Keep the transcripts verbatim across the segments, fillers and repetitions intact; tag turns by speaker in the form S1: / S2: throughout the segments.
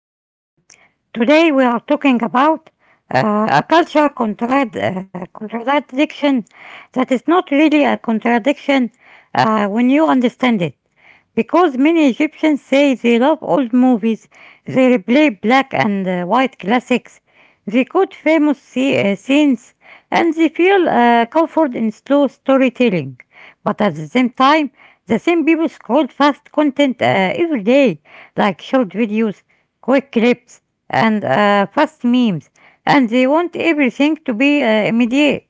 S1: Um, Today, we are talking about uh, a culture contrad- uh, contradiction that is not really a contradiction uh, when you understand it. Because many Egyptians say they love old movies, they replay black and uh, white classics, they quote famous sce- uh, scenes, and they feel uh, comfort in slow storytelling. But at the same time, the same people scroll fast content uh, every day, like short videos, quick clips, and uh, fast memes, and they want everything to be uh, immediate.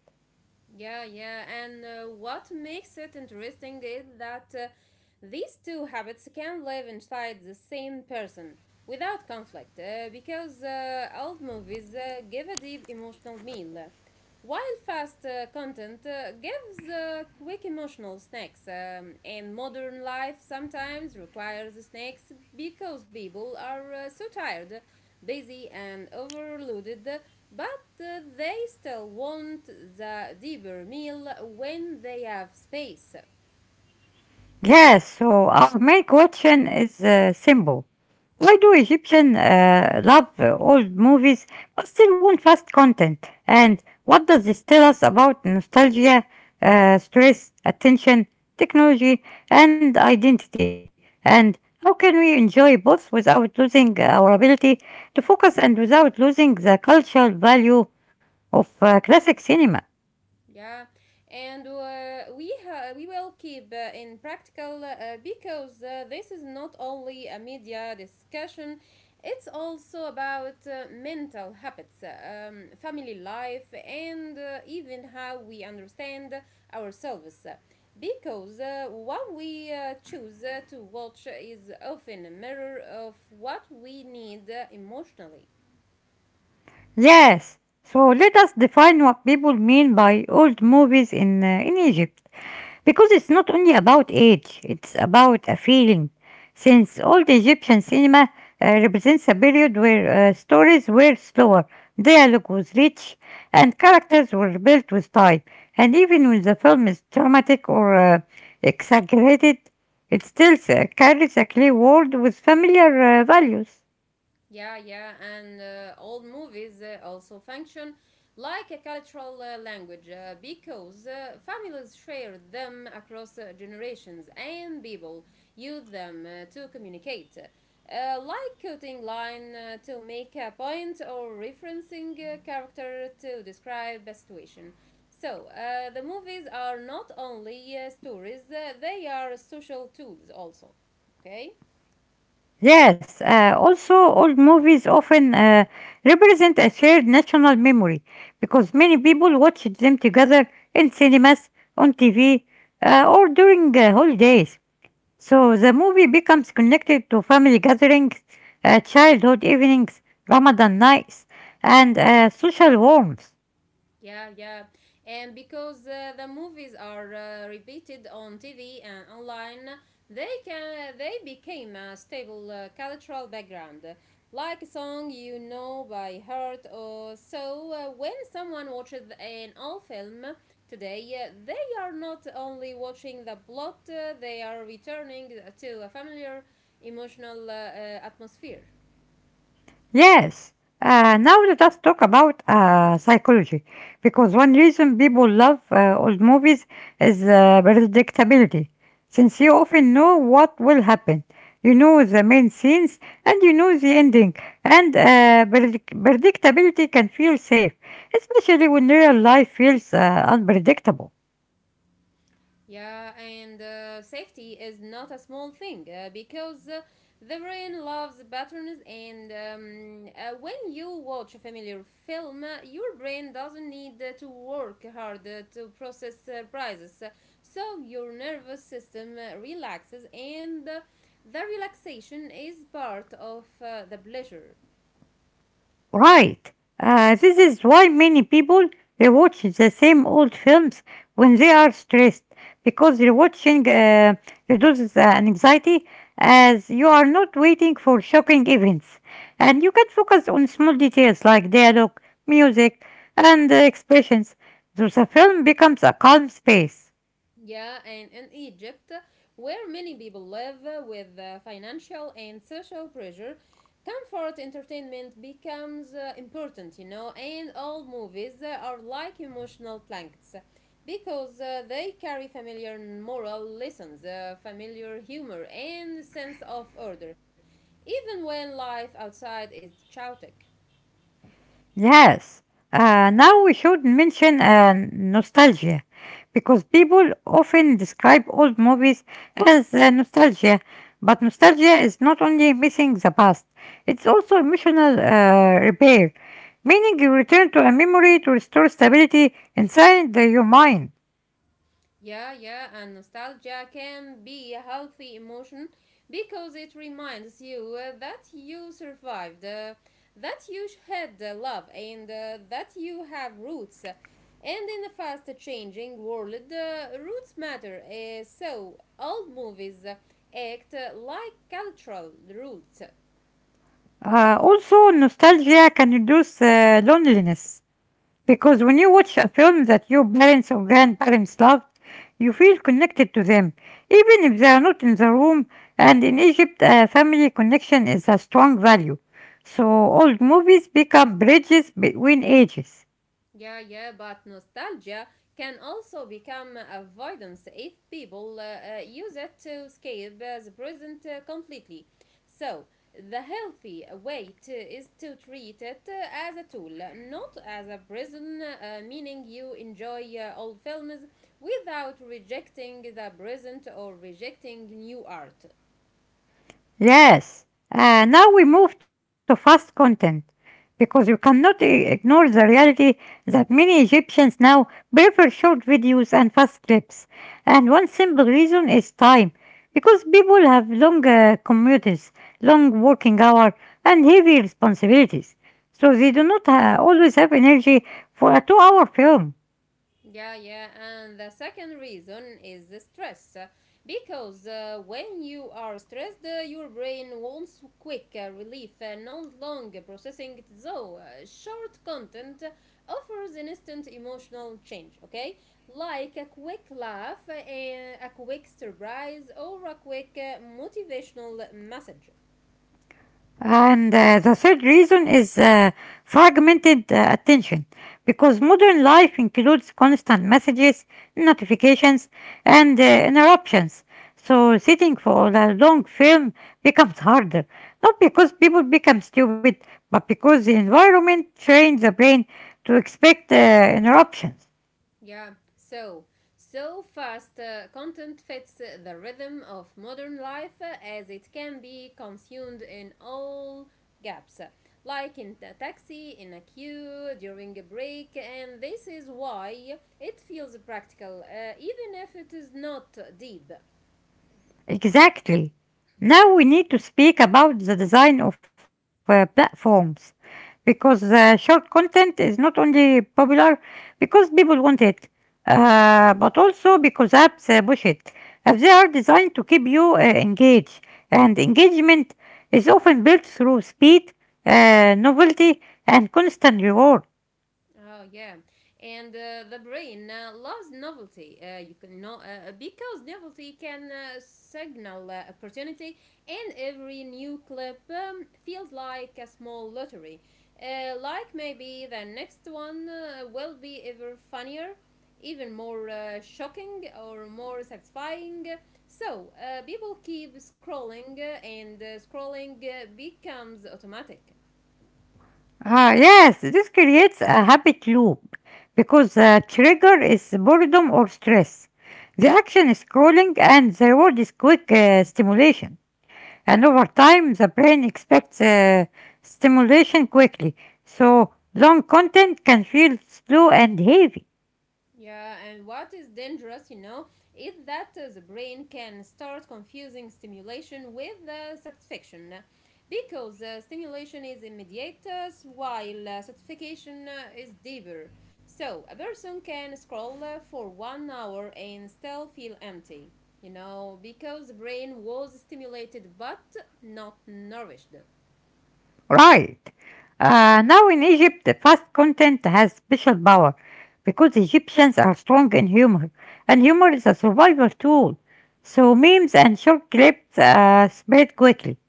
S2: Yeah, yeah, and uh, what makes it interesting is that uh, these two habits can live inside the same person without conflict, uh, because uh, old movies uh, give a deep emotional meal, while fast uh, content uh, gives uh, quick emotional snacks. Um, and modern life sometimes requires snacks because people are uh, so tired, busy, and overloaded, but uh, they still want the deeper meal when they have space.
S1: Yes, so our main question is uh, simple. Why do Egyptians uh, love uh, old movies but still want fast content? And what does this tell us about nostalgia, uh, stress, attention, technology, and identity? And how can we enjoy both without losing our ability to focus and without losing the cultural value of uh, classic cinema?
S2: Yeah. And uh, we ha- we will keep uh, in practical, uh, because uh, this is not only a media discussion, it's also about uh, mental habits, um, family life, and uh, even how we understand ourselves, because uh, what we uh, choose uh, to watch is often a mirror of what we need uh, emotionally.
S1: Yes, so let us define what people mean by old movies in, uh, in Egypt. Because it's not only about age, it's about a feeling. Since old Egyptian cinema uh, represents a period where uh, stories were slower, dialogue was rich, and characters were built with time. And even when the film is dramatic or uh, exaggerated, it still uh, carries a clear world with familiar uh, values.
S2: Yeah, yeah, and uh, old movies uh, also function like a cultural uh, language, uh, because uh, families share them across uh, generations, and people use them uh, to communicate. Uh, like quoting line uh, to make a point, or referencing a character to describe a situation. So, uh, the movies are not only uh, stories, uh, they are social tools also. Okay?
S1: Yes, uh, also old movies often uh, represent a shared national memory because many people watched them together in cinemas, on T V, uh, or during uh, holidays. So the movie becomes connected to family gatherings, uh, childhood evenings, Ramadan nights, and uh, social warmth.
S2: Yeah, yeah. And because uh, the movies are uh, repeated on T V and online, they can they became a stable uh, cultural background. Like a song you know by heart. Or so uh, when someone watches an old film today, uh, they are not only watching the plot, uh, they are returning to a familiar emotional uh, uh, atmosphere.
S1: Yes. Uh, now let us talk about uh, psychology, because one reason people love uh, old movies is uh, predictability. Since you often know what will happen, you know the main scenes and you know the ending, and uh, predict- predictability can feel safe, especially when real life feels uh, unpredictable.
S2: Yeah, and uh, safety is not a small thing, uh, because uh, the brain loves patterns, and um, uh, when you watch a familiar film, uh, your brain doesn't need uh, to work hard uh, to process surprises. So your nervous system uh, relaxes, and uh, the relaxation is part of uh, the pleasure.
S1: Right. Uh, this is why many people they watch the same old films when they are stressed because rewatching uh, reduces uh, anxiety as you are not waiting for shocking events and you can focus on small details like dialogue, music, and uh, expressions. So the film becomes a calm space.
S2: Yeah, and in Egypt, where many people live with uh, financial and social pressure, comfort entertainment becomes uh, important, you know, and all movies uh, are like emotional blankets, because uh, they carry familiar moral lessons, uh, familiar humor, and sense of order, even when life outside is chaotic.
S1: Yes. Uh, now we should mention uh, nostalgia because people often describe old movies as uh, nostalgia, but nostalgia is not only missing the past, it's also emotional uh, repair, meaning you return to a memory to restore stability inside uh, your mind.
S2: Yeah, yeah, and nostalgia can be a healthy emotion because it reminds you uh, that you survived, uh, that you had uh, love, and uh, that you have roots. And in a fast changing world, uh, roots matter, uh, so old movies act uh, like cultural roots.
S1: Uh, also, nostalgia can reduce uh, loneliness because when you watch a film that your parents or grandparents loved, you feel connected to them, even if they are not in the room. And in Egypt, uh, family connection is a strong value. So old movies become bridges between ages.
S2: Yeah, yeah, but nostalgia can also become avoidance if people uh, uh, use it to escape uh, the present uh, completely. So, the healthy way to, is to treat it uh, as a tool, not as a prison, uh, meaning you enjoy uh, old films without rejecting the present or rejecting new art.
S1: Yes. Uh, now we move to fast content because you cannot i- ignore the reality that many Egyptians now prefer short videos and fast clips. And one simple reason is time because people have long uh, commutes, long working hours, and heavy responsibilities. So they do not uh, always have energy for a two hour film.
S2: Yeah, yeah, and the second reason is the stress. uh, Because uh, when you are stressed, uh, your brain wants quick uh, relief, uh, not long processing. So, uh, short content offers instant emotional change, okay? Like a quick laugh, uh, a quick surprise, or a quick uh, motivational message.
S1: And uh, the third reason is uh, fragmented uh, attention, because modern life includes constant messages, notifications, and uh, interruptions. So sitting for a long film becomes harder, not because people become stupid, but because the environment trains the brain to expect uh, interruptions.
S2: Yeah. So, so fast uh, content fits uh, the rhythm of modern life, uh, as it can be consumed in all gaps, uh, like in a taxi, in a queue, during a break, and this is why it feels practical, uh, even if it is not deep.
S1: Exactly. Now we need to speak about the design of uh, platforms because uh, short content is not only popular because people want it, uh, but also because apps uh, push it. If they are designed to keep you uh, engaged, and engagement is often built through speed, uh, novelty, and constant reward.
S2: Oh yeah. And uh, the brain uh, loves novelty. Uh, you can know, uh, because novelty can uh, signal uh, opportunity, and every new clip um, feels like a small lottery. Uh, like maybe the next one uh, will be ever funnier, even more uh, shocking, or more satisfying. So uh, people keep scrolling, uh, and uh, scrolling uh, becomes automatic.
S1: Ah, yes, this creates a habit loop because the trigger is boredom or stress. The action is scrolling and the reward is quick uh, stimulation. And over time, the brain expects uh, stimulation quickly, so long content can feel slow and heavy.
S2: Yeah, and what is dangerous, you know, is that uh, the brain can start confusing stimulation with uh, satisfaction. Because uh, stimulation is immediate, uh, while uh, satisfaction uh, is deeper. So, a person can scroll uh, for one hour and still feel empty, you know, because the brain was stimulated but not nourished.
S1: Right. Uh, now in Egypt, the fast content has special power because Egyptians are strong in humor, and humor is a survival tool. So memes and short clips uh, spread quickly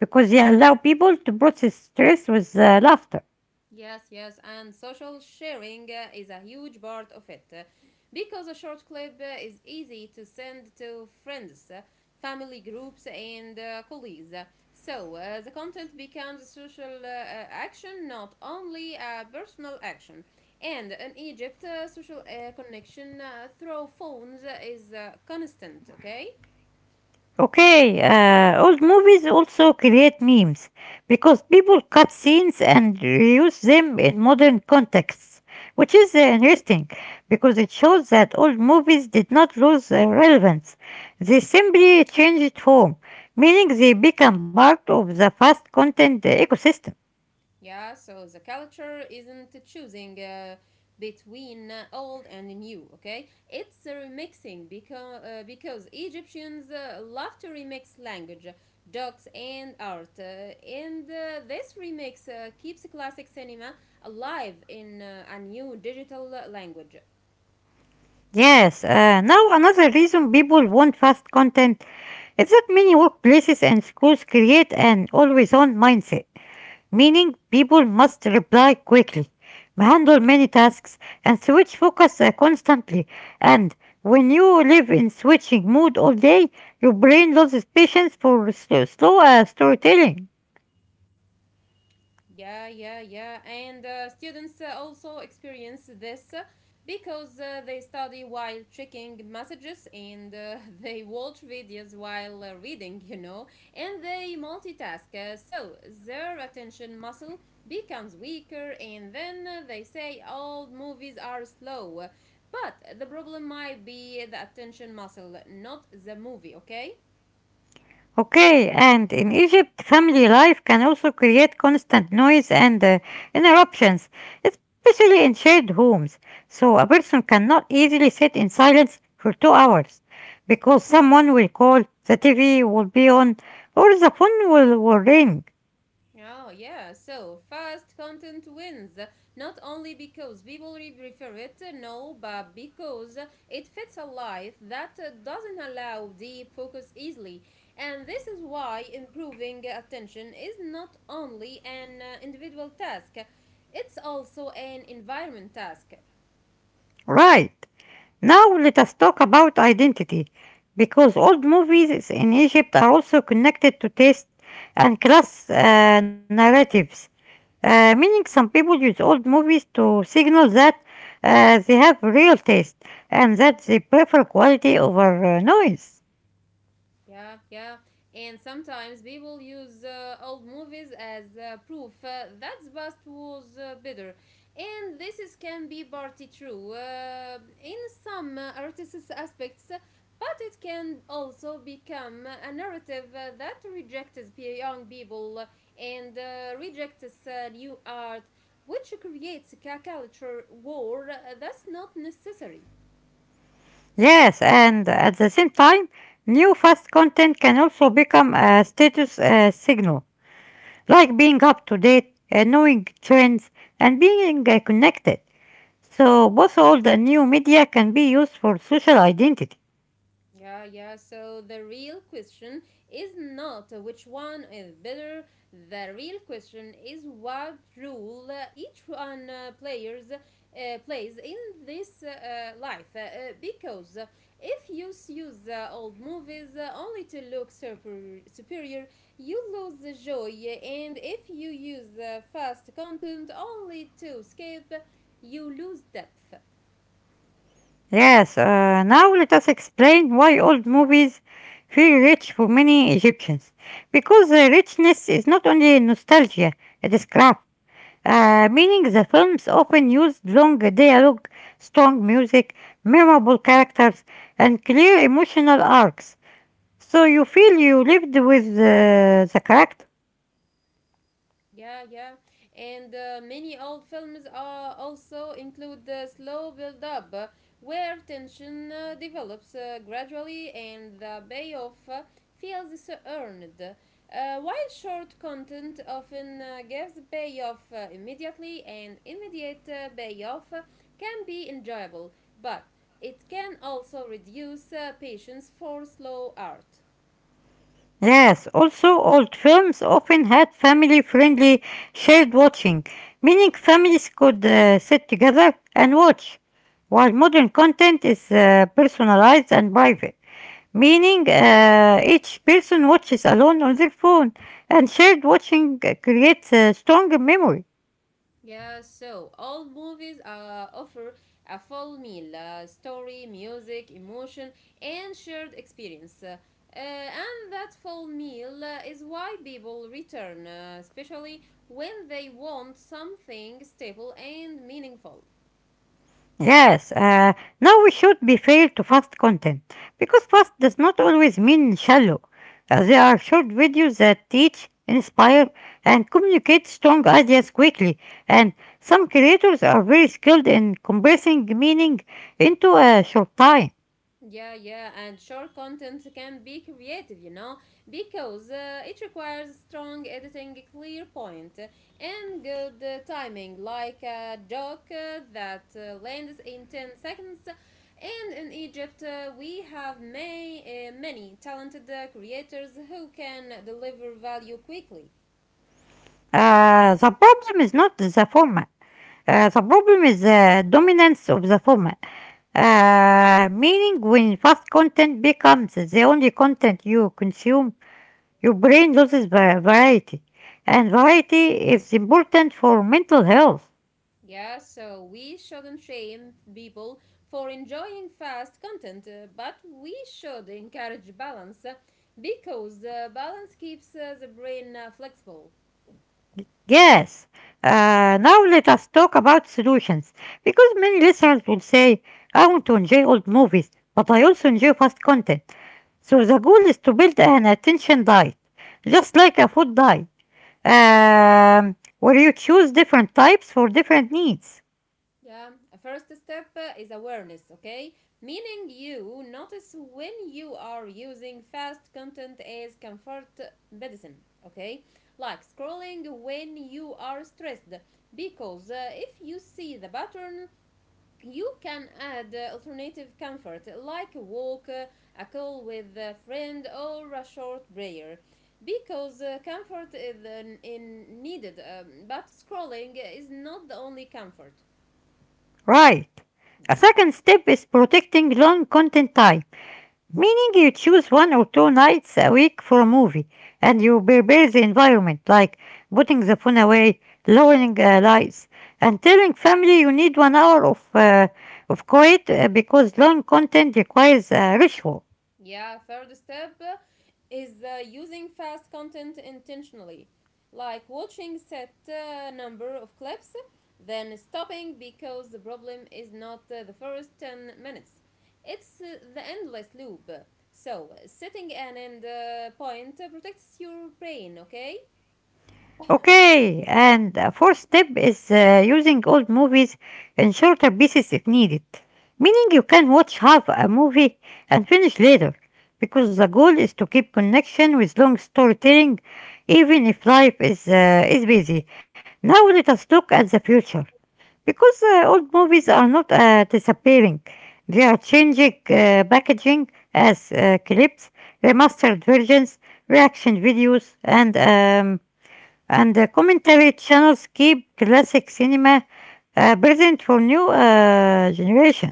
S1: because they allow people to process stress with uh, laughter.
S2: Yes, yes, and social sharing uh, is a huge part of it, uh, because a short clip uh, is easy to send to friends, uh, family groups, and uh, colleagues. So uh, the content becomes a social uh, uh, action, not only a personal action. And in Egypt, uh, social uh, connection uh, through phones is uh, constant, okay?
S1: Okay, uh, old movies also create memes because people cut scenes and reuse them in modern contexts, which is uh, interesting because it shows that old movies did not lose uh, relevance. They simply changed form, meaning they become part of the fast content uh, ecosystem.
S2: Yeah, so the culture isn't choosing uh, between uh, old and new, okay? It's uh, remixing, because, uh, because Egyptians uh, love to remix language, docs, and art. Uh, and uh, this remix uh, keeps classic cinema alive in uh, a new digital uh, language.
S1: Yes, uh, now another reason people want fast content is that many workplaces and schools create an always on mindset meaning people must reply quickly, handle many tasks, and switch focus uh, constantly. And when you live in switching mood all day, your brain loses patience for slow, slow uh, storytelling.
S2: Yeah, yeah, yeah. And uh, students uh, also experience this, uh, because uh, they study while checking messages, and uh, they watch videos while uh, reading, you know, and they multitask. Uh, so their attention muscle becomes weaker, and then uh, they say all movies are slow. But the problem might be the attention muscle, not the movie, okay?
S1: Okay, and in Egypt, family life can also create constant noise and uh, interruptions, especially in shared homes. So a person cannot easily sit in silence for two hours because someone will call, the T V will be on, or the phone will, will ring.
S2: Oh, yeah. So, fast content wins. Not only because people re- prefer it, uh, no, but because it fits a life that uh, doesn't allow deep focus easily. And this is why improving attention is not only an uh, individual task, it's also an environment task.
S1: Right, now let us talk about identity because old movies in Egypt are also connected to taste and class uh, narratives. Uh, meaning some people use old movies to signal that uh, they have real taste and that they prefer quality over uh, noise.
S2: Yeah, yeah. And sometimes people use uh, old movies as uh, proof uh, that the past was uh, better. And this, is, can be partly true uh, in some uh, artists' aspects, but it can also become a narrative uh, that rejects young people, uh, and uh, rejects uh, new art, which creates a culture war uh, that's not necessary.
S1: Yes, and at the same time, new fast content can also become a status uh, signal, like being up to date, uh, knowing trends, and being uh, connected. So both old and new media can be used for social identity.
S2: Yeah, yeah. So the real question is not which one is better. The real question is what role uh, each one uh, players uh, plays in this uh, life. Uh, uh, because if you use uh, old movies uh, only to look super- superior, you lose the joy. And if you use uh, fast content only to escape, you lose depth.
S1: Yes, uh, now let us explain why old movies feel rich for many Egyptians. Because the richness is not only nostalgia, it is craft. Uh, meaning the films often used long dialogue, strong music, memorable characters, and clear emotional arcs. So you feel you lived with uh, the character.
S2: Yeah, yeah. And uh, many old films uh, also include the slow build up, uh, where tension uh, develops uh, gradually, and the payoff uh, feels so earned. Uh, while short content often uh, gives payoff uh, immediately, and immediate uh, payoff uh, can be enjoyable, but it can also reduce uh, patience for slow art.
S1: Yes, also old films often had family-friendly shared watching, meaning families could uh, sit together and watch, while modern content is uh, personalized and private, meaning uh, each person watches alone on their phone, and shared watching uh, creates a stronger memory.
S2: Yeah, so all movies uh, offer a full meal: uh, story, music, emotion, and shared experience. Uh, uh, and that full meal uh, is why people return, uh, especially when they want something stable and meaningful.
S1: Yes, uh, now we should be fair to fast content because fast does not always mean shallow. Uh, there are short videos that teach, inspire, and communicate strong ideas quickly, and some creators are very skilled in compressing meaning into a short time.
S2: Yeah, yeah, and short content can be creative, you know, because uh, it requires strong editing, clear point, and good uh, timing, like a joke uh, that uh, lands in ten seconds. And in Egypt, uh, we have may, uh, many talented uh, creators who can deliver value quickly.
S1: Uh, the problem is not the format. Uh, the problem is the dominance of the format. Uh, meaning, when fast content becomes the only content you consume, your brain loses va- variety, and variety is important for mental health.
S2: Yeah, so we shouldn't shame people for enjoying fast content, uh, but we should encourage balance, uh, because uh, balance keeps uh, the brain uh, flexible.
S1: Yes. Uh, now let us talk about solutions, because many listeners will say, "I want to enjoy old movies, but I also enjoy fast content." So the goal is to build an attention diet, just like a food diet, um, where you choose different types for different needs.
S2: Yeah, a first step uh, is awareness, okay? Meaning you notice when you are using fast content as comfort medicine, okay? Like scrolling when you are stressed, because uh, if you see the pattern, you can add uh, alternative comfort like a walk, uh, a call with a friend, or a short prayer. Because uh, comfort is uh, in needed, um, but scrolling is not the only comfort.
S1: Right. A second step is protecting long content type. Meaning you choose one or two nights a week for a movie and you prepare the environment, like putting the phone away, lowering uh, lights, and telling family you need one hour of, uh, of quiet uh, because long content requires a ritual.
S2: Yeah, third step is uh, using fast content intentionally, like watching set uh, number of clips, then stopping, because the problem is not uh, the first ten minutes. It's uh, the endless loop. So, setting an end uh, point protects your brain, okay?
S1: Okay, and the fourth step is uh, using old movies in shorter pieces if needed, meaning you can watch half a movie and finish later, because the goal is to keep connection with long storytelling, even if life is uh, is busy. Now let us look at the future, because uh, old movies are not uh, disappearing; they are changing uh, packaging as uh, clips, remastered versions, reaction videos, and um, and the commentary channels keep classic cinema uh, present for new uh, generation.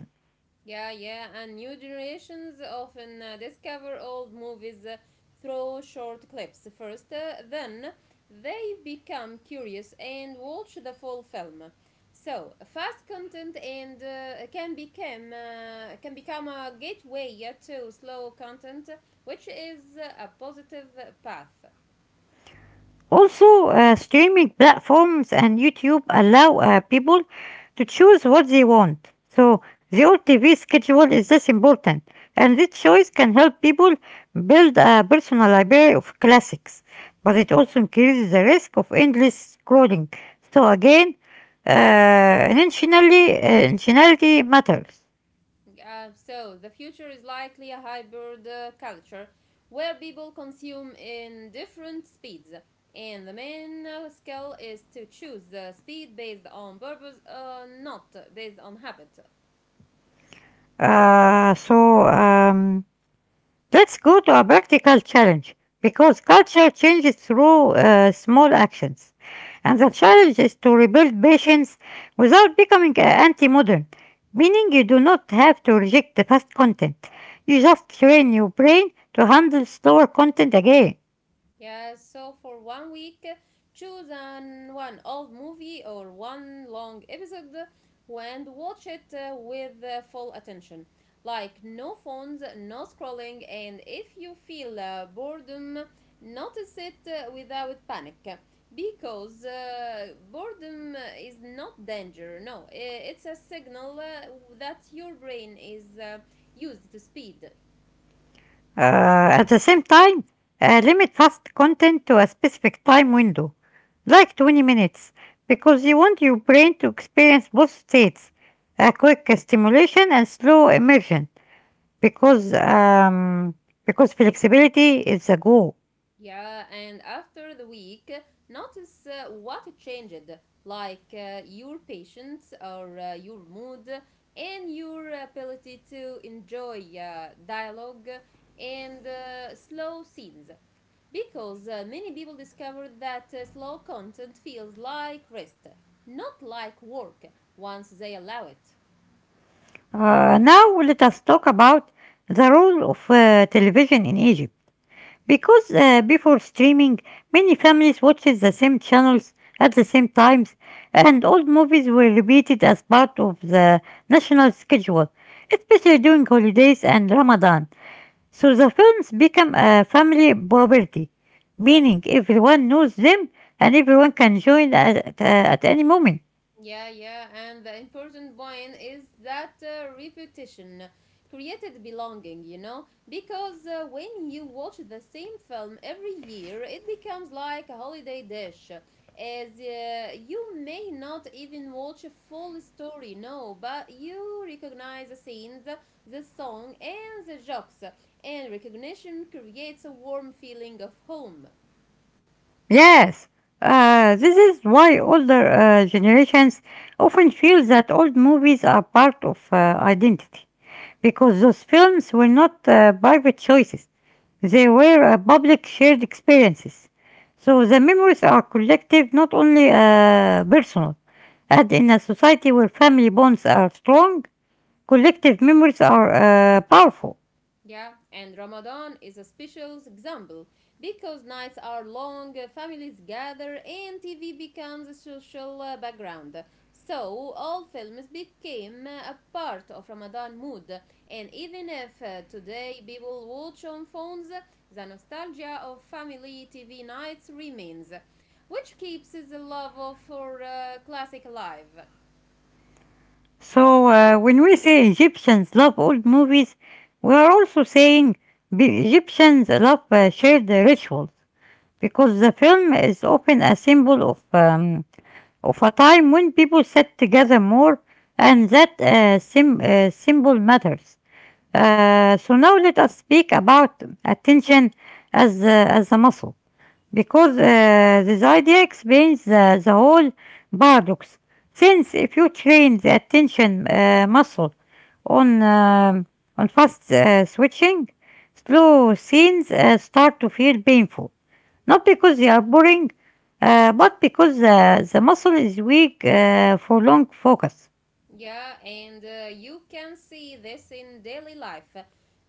S2: Yeah, yeah, and new generations often uh, discover old movies uh, through short clips first, uh, then they become curious and watch the full film. So, fast content and uh, can become uh, can become a gateway to slow content, which is a positive path.
S1: Also, uh, streaming platforms and YouTube allow uh, people to choose what they want. So the old T V schedule is less important, and this choice can help people build a personal library of classics. But it also increases the risk of endless scrolling. So again, uh, intentionally, uh, intentionality matters.
S2: Uh, so the future is likely a hybrid uh, culture, where people consume in different speeds, and the main uh, skill is to choose the speed based on purpose, uh, not based on habit.
S1: Uh, so um, let's go to a practical challenge because culture changes through uh, small actions. And the challenge is to rebuild patience without becoming anti modern, meaning you do not have to reject the past content. You just train your brain to handle slower content again.
S2: Yeah, so for one week, choose an one old movie or one long episode and watch it uh, with uh, full attention. Like no phones, no scrolling, and if you feel uh, boredom, notice it uh, without panic. Because uh, boredom is not danger, no, it's a signal uh, that your brain is uh, used to speed.
S1: Uh, at the same time, uh, limit fast content to a specific time window, like twenty minutes, because you want your brain to experience both states a quick stimulation and slow immersion, because, um, because flexibility is the goal.
S2: Yeah, and after the week, notice uh, what changed, like uh, your patience or uh, your mood, and your ability to enjoy uh, dialogue and uh, slow scenes. Because uh, many people discovered that uh, slow content feels like rest, not like work, once they allow it.
S1: Uh, now, let us talk about the role of uh, television in Egypt. Because uh, before streaming, many families watched the same channels at the same times, and old movies were repeated as part of the national schedule, especially during holidays and Ramadan. So the films become a family property, meaning everyone knows them and everyone can join at, uh, at any moment.
S2: Yeah, yeah, and the important point is that uh, repetition created belonging, you know, because uh, when you watch the same film every year, it becomes like a holiday dish. As uh, you may not even watch a full story, no, but you recognize the scenes, the song, and the jokes, and recognition creates a warm feeling of home.
S1: Yes, uh, this is why older uh, generations often feel that old movies are part of uh, identity, because those films were not uh, private choices. They were uh, public shared experiences. So the memories are collective, not only uh, personal. And in a society where family bonds are strong, collective memories are uh, powerful.
S2: Yeah, and Ramadan is a special example because nights are long, families gather, and T V becomes a social uh, background. So, all films became uh, a part of Ramadan mood, and even if uh, today people watch on phones, the nostalgia of family T V nights remains, which keeps the love of- for uh, classic alive.
S1: So uh, when we say Egyptians love old movies, we are also saying Egyptians love uh, shared rituals because the film is often a symbol of um, of a time when people sat together more and that uh, sim- uh, simple matters. Uh, so now let us speak about attention as, uh, as a muscle because uh, this idea explains the, the whole paradox. Since if you train the attention uh, muscle on um, on fast uh, switching, slow scenes uh, start to feel painful, not because they are boring, uh, but because uh, the muscle is weak uh, for long focus.
S2: Yeah, and uh, you can see this in daily life uh,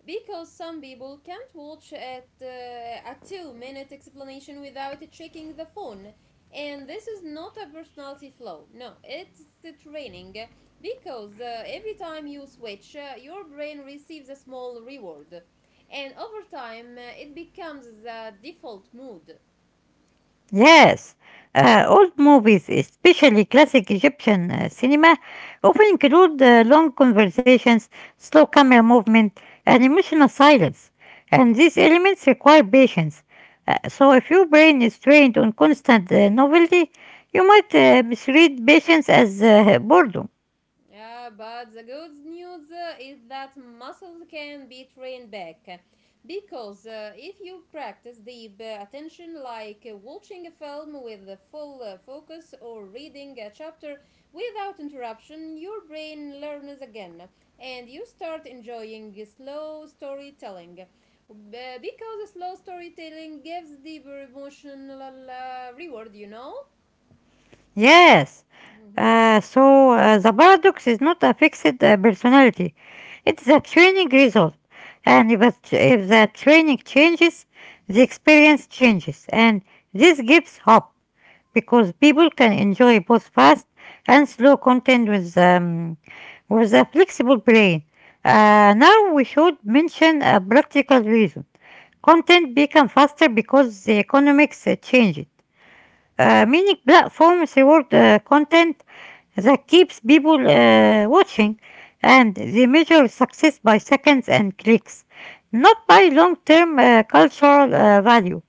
S2: because some people can't watch at uh, a two minute explanation without checking the phone. And this is not a personality flaw, no, it's the training uh, because uh, every time you switch, uh, your brain receives a small reward. And over time, uh, it becomes the default mood.
S1: Yes, uh, old movies, especially classic Egyptian uh, cinema, often include uh, long conversations, slow camera movement, and emotional silence. And these elements require patience. Uh, so, if your brain is trained on constant uh, novelty, you might uh, misread patience as uh, boredom.
S2: Yeah, but the good news uh, is that muscles can be trained back. Because uh, if you practice deep uh, attention, like uh, watching a film with a full uh, focus or reading a chapter without interruption, your brain learns again and you start enjoying slow storytelling. B- because slow storytelling gives deeper emotional uh, reward, you know?
S1: Yes. Uh, so uh, the paradox is not a fixed uh, personality. It's the training result. And if, a tr- if the training changes, the experience changes. And this gives hope because people can enjoy both fast and slow content with, um, with a flexible brain. Uh, now we should mention a practical reason. Content become faster because the economics uh, change, uh, many platforms reward uh, content that keeps people uh, watching and they measure success by seconds and clicks, not by long term uh, cultural uh, value.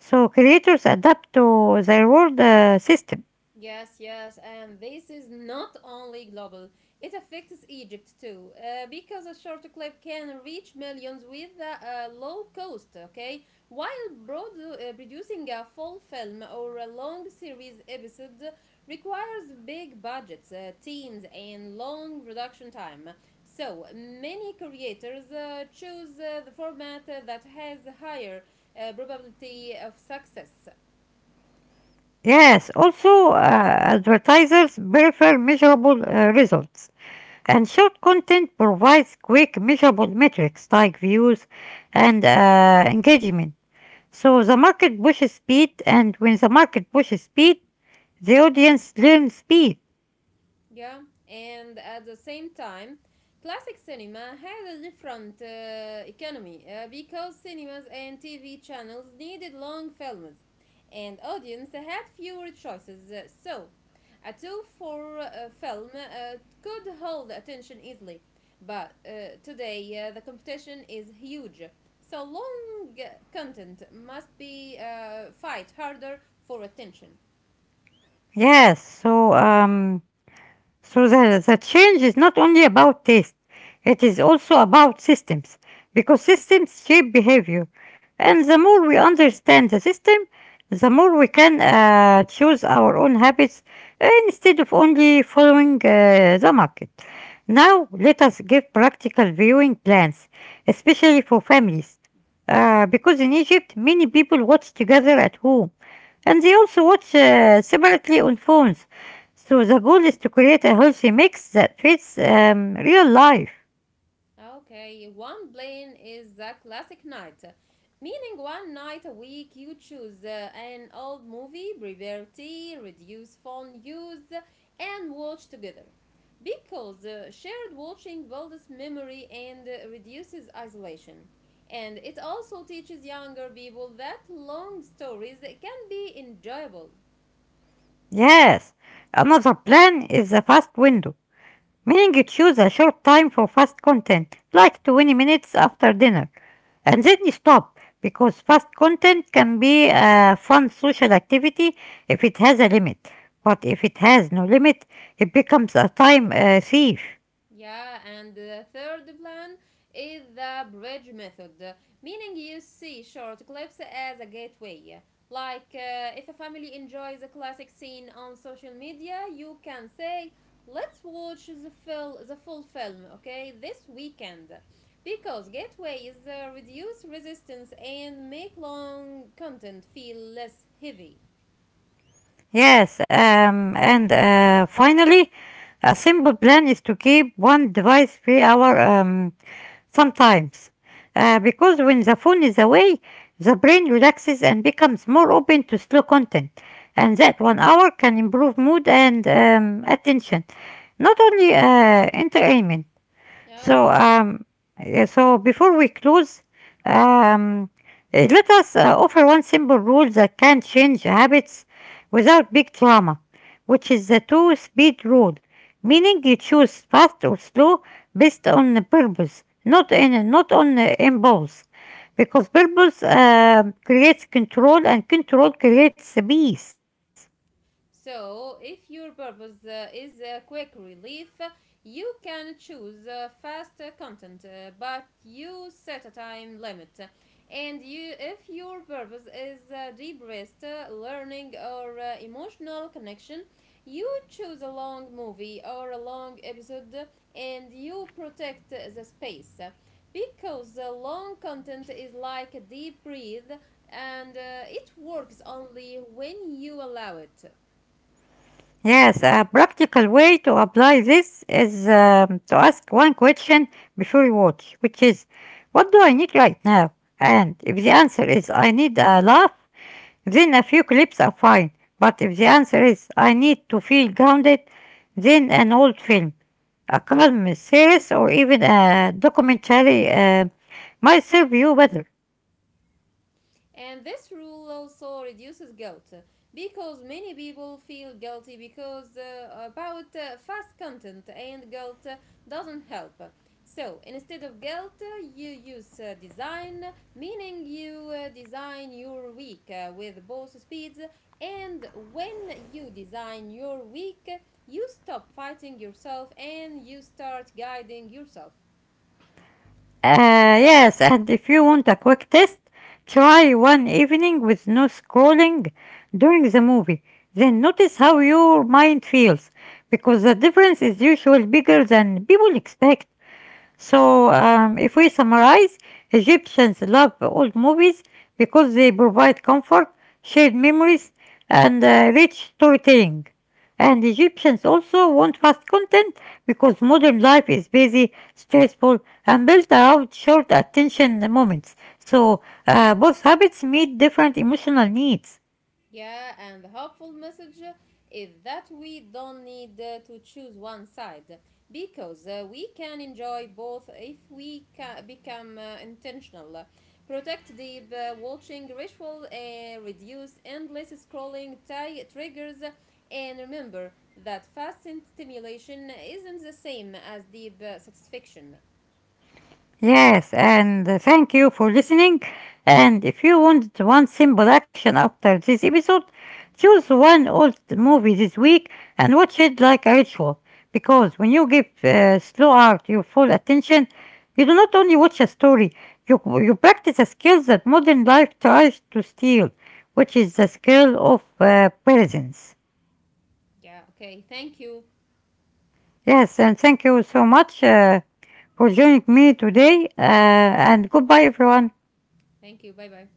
S1: So creators adapt to their reward uh, system.
S2: Yes, yes, and this is not only global, it affects Egypt too, uh, because a short clip can reach millions with a, a low cost, okay? While broad, uh, producing a full film or a long series episode requires big budgets, uh, teams, and long production time. So, many creators uh, choose uh, the format that has higher uh, probability of success.
S1: Yes, also uh, advertisers prefer measurable uh, results. And short content provides quick measurable metrics like views and uh, engagement. So the market pushes speed, and when the market pushes speed, the audience learns speed.
S2: Yeah, and at the same time, classic cinema had a different uh, economy uh, because cinemas and T V channels needed long films, and audience had fewer choices. Uh, So, a two-for uh, film uh, could hold attention easily, but uh, today uh, the competition is huge. So long uh, content must be uh, fight harder for attention.
S1: Yes, so um, So the, the change is not only about taste, it is also about systems, because systems shape behavior. And the more we understand the system, the more we can uh, choose our own habits instead of only following uh, the market. Now, let us give practical viewing plans, especially for families. Uh, because in Egypt, many people watch together at home, and they also watch uh, separately on phones, so the goal is to create a healthy mix that fits um, real life.
S2: Okay, one plane is the classic night, meaning one night a week you choose uh, an old movie, prepare tea, reduce phone use, and watch together. Because uh, shared watching builds memory and uh, reduces isolation. And it also teaches younger people that long stories can be enjoyable.
S1: Yes. Another plan is the fast window, meaning you choose a short time for fast content, like twenty minutes after dinner, and then you stop because fast content can be a fun social activity if it has a limit. But if it has no limit, it becomes a time uh, thief.
S2: Yeah, and the third plan is the bridge method, meaning you see short clips as a gateway. Like, uh, if a family enjoys a classic scene on social media, you can say, let's watch the, fil- the full film, okay, this weekend. Because gateways uh, reduce resistance and make long content feel less heavy.
S1: Yes, um, and uh, Finally, a simple plan is to keep one device per hour um, sometimes. Uh, because when the phone is away, the brain relaxes and becomes more open to slow content. And that one hour can improve mood and um, attention, not only uh, entertainment.
S2: Yeah,
S1: So,
S2: okay.
S1: um, uh, so before we close, um, uh, let us uh, offer one simple rule that can change habits without big drama, which is the two-speed rule, meaning you choose fast or slow based on the purpose, not in not on uh, impulse, because purpose um creates control and control creates peace.
S2: So, if your purpose uh, is uh, quick relief, you can choose uh, fast uh, content, uh, but you set a time limit. And you, if your purpose is uh, deep rest, uh, learning, or uh, emotional connection, you choose a long movie or a long episode and you protect the space. Because uh, long content is like a deep breath and uh, it works only when you allow it.
S1: Yes, a practical way to apply this is um, to ask one question before you watch, which is, what do I need right now? And if the answer is, I need a laugh, then a few clips are fine. But if the answer is, I need to feel grounded, then an old film, a calm series, or even a documentary uh, might serve you better.
S2: And this rule also reduces guilt uh, because many people feel guilty because uh, about uh, fast content and guilt uh, doesn't help. So instead of guilt, uh, you use uh, design, meaning you uh, design your week uh, with both speeds. And when you design your week, you stop fighting yourself and you start guiding yourself.
S1: Uh, yes, and if you want a quick test, try one evening with no scrolling during the movie. Then notice how your mind feels, because the difference is usually bigger than people expect. So, um, if we summarize, Egyptians love old movies because they provide comfort, shared memories, and uh, rich storytelling. And Egyptians also want fast content because modern life is busy, stressful, and built around short attention moments. So, uh, both habits meet different emotional needs.
S2: Yeah, and the helpful message is that we don't need uh, to choose one side because uh, we can enjoy both if we ca- become uh, intentional. Protect deep uh, watching ritual, uh, reduce endless scrolling ti- triggers, and remember that fast stimulation isn't the same as deep uh, satisfaction.
S1: Yes, and uh, thank you for listening. And if you want one simple action after this episode, choose one old movie this week and watch it like a ritual. Because when you give uh, slow art your full attention, you do not only watch a story, you, you practice a skill that modern life tries to steal, which is the skill of uh, presence.
S2: Yeah, okay, thank you.
S1: Yes, and thank you so much uh, for joining me today, uh, and goodbye, everyone.
S2: Thank you, bye bye.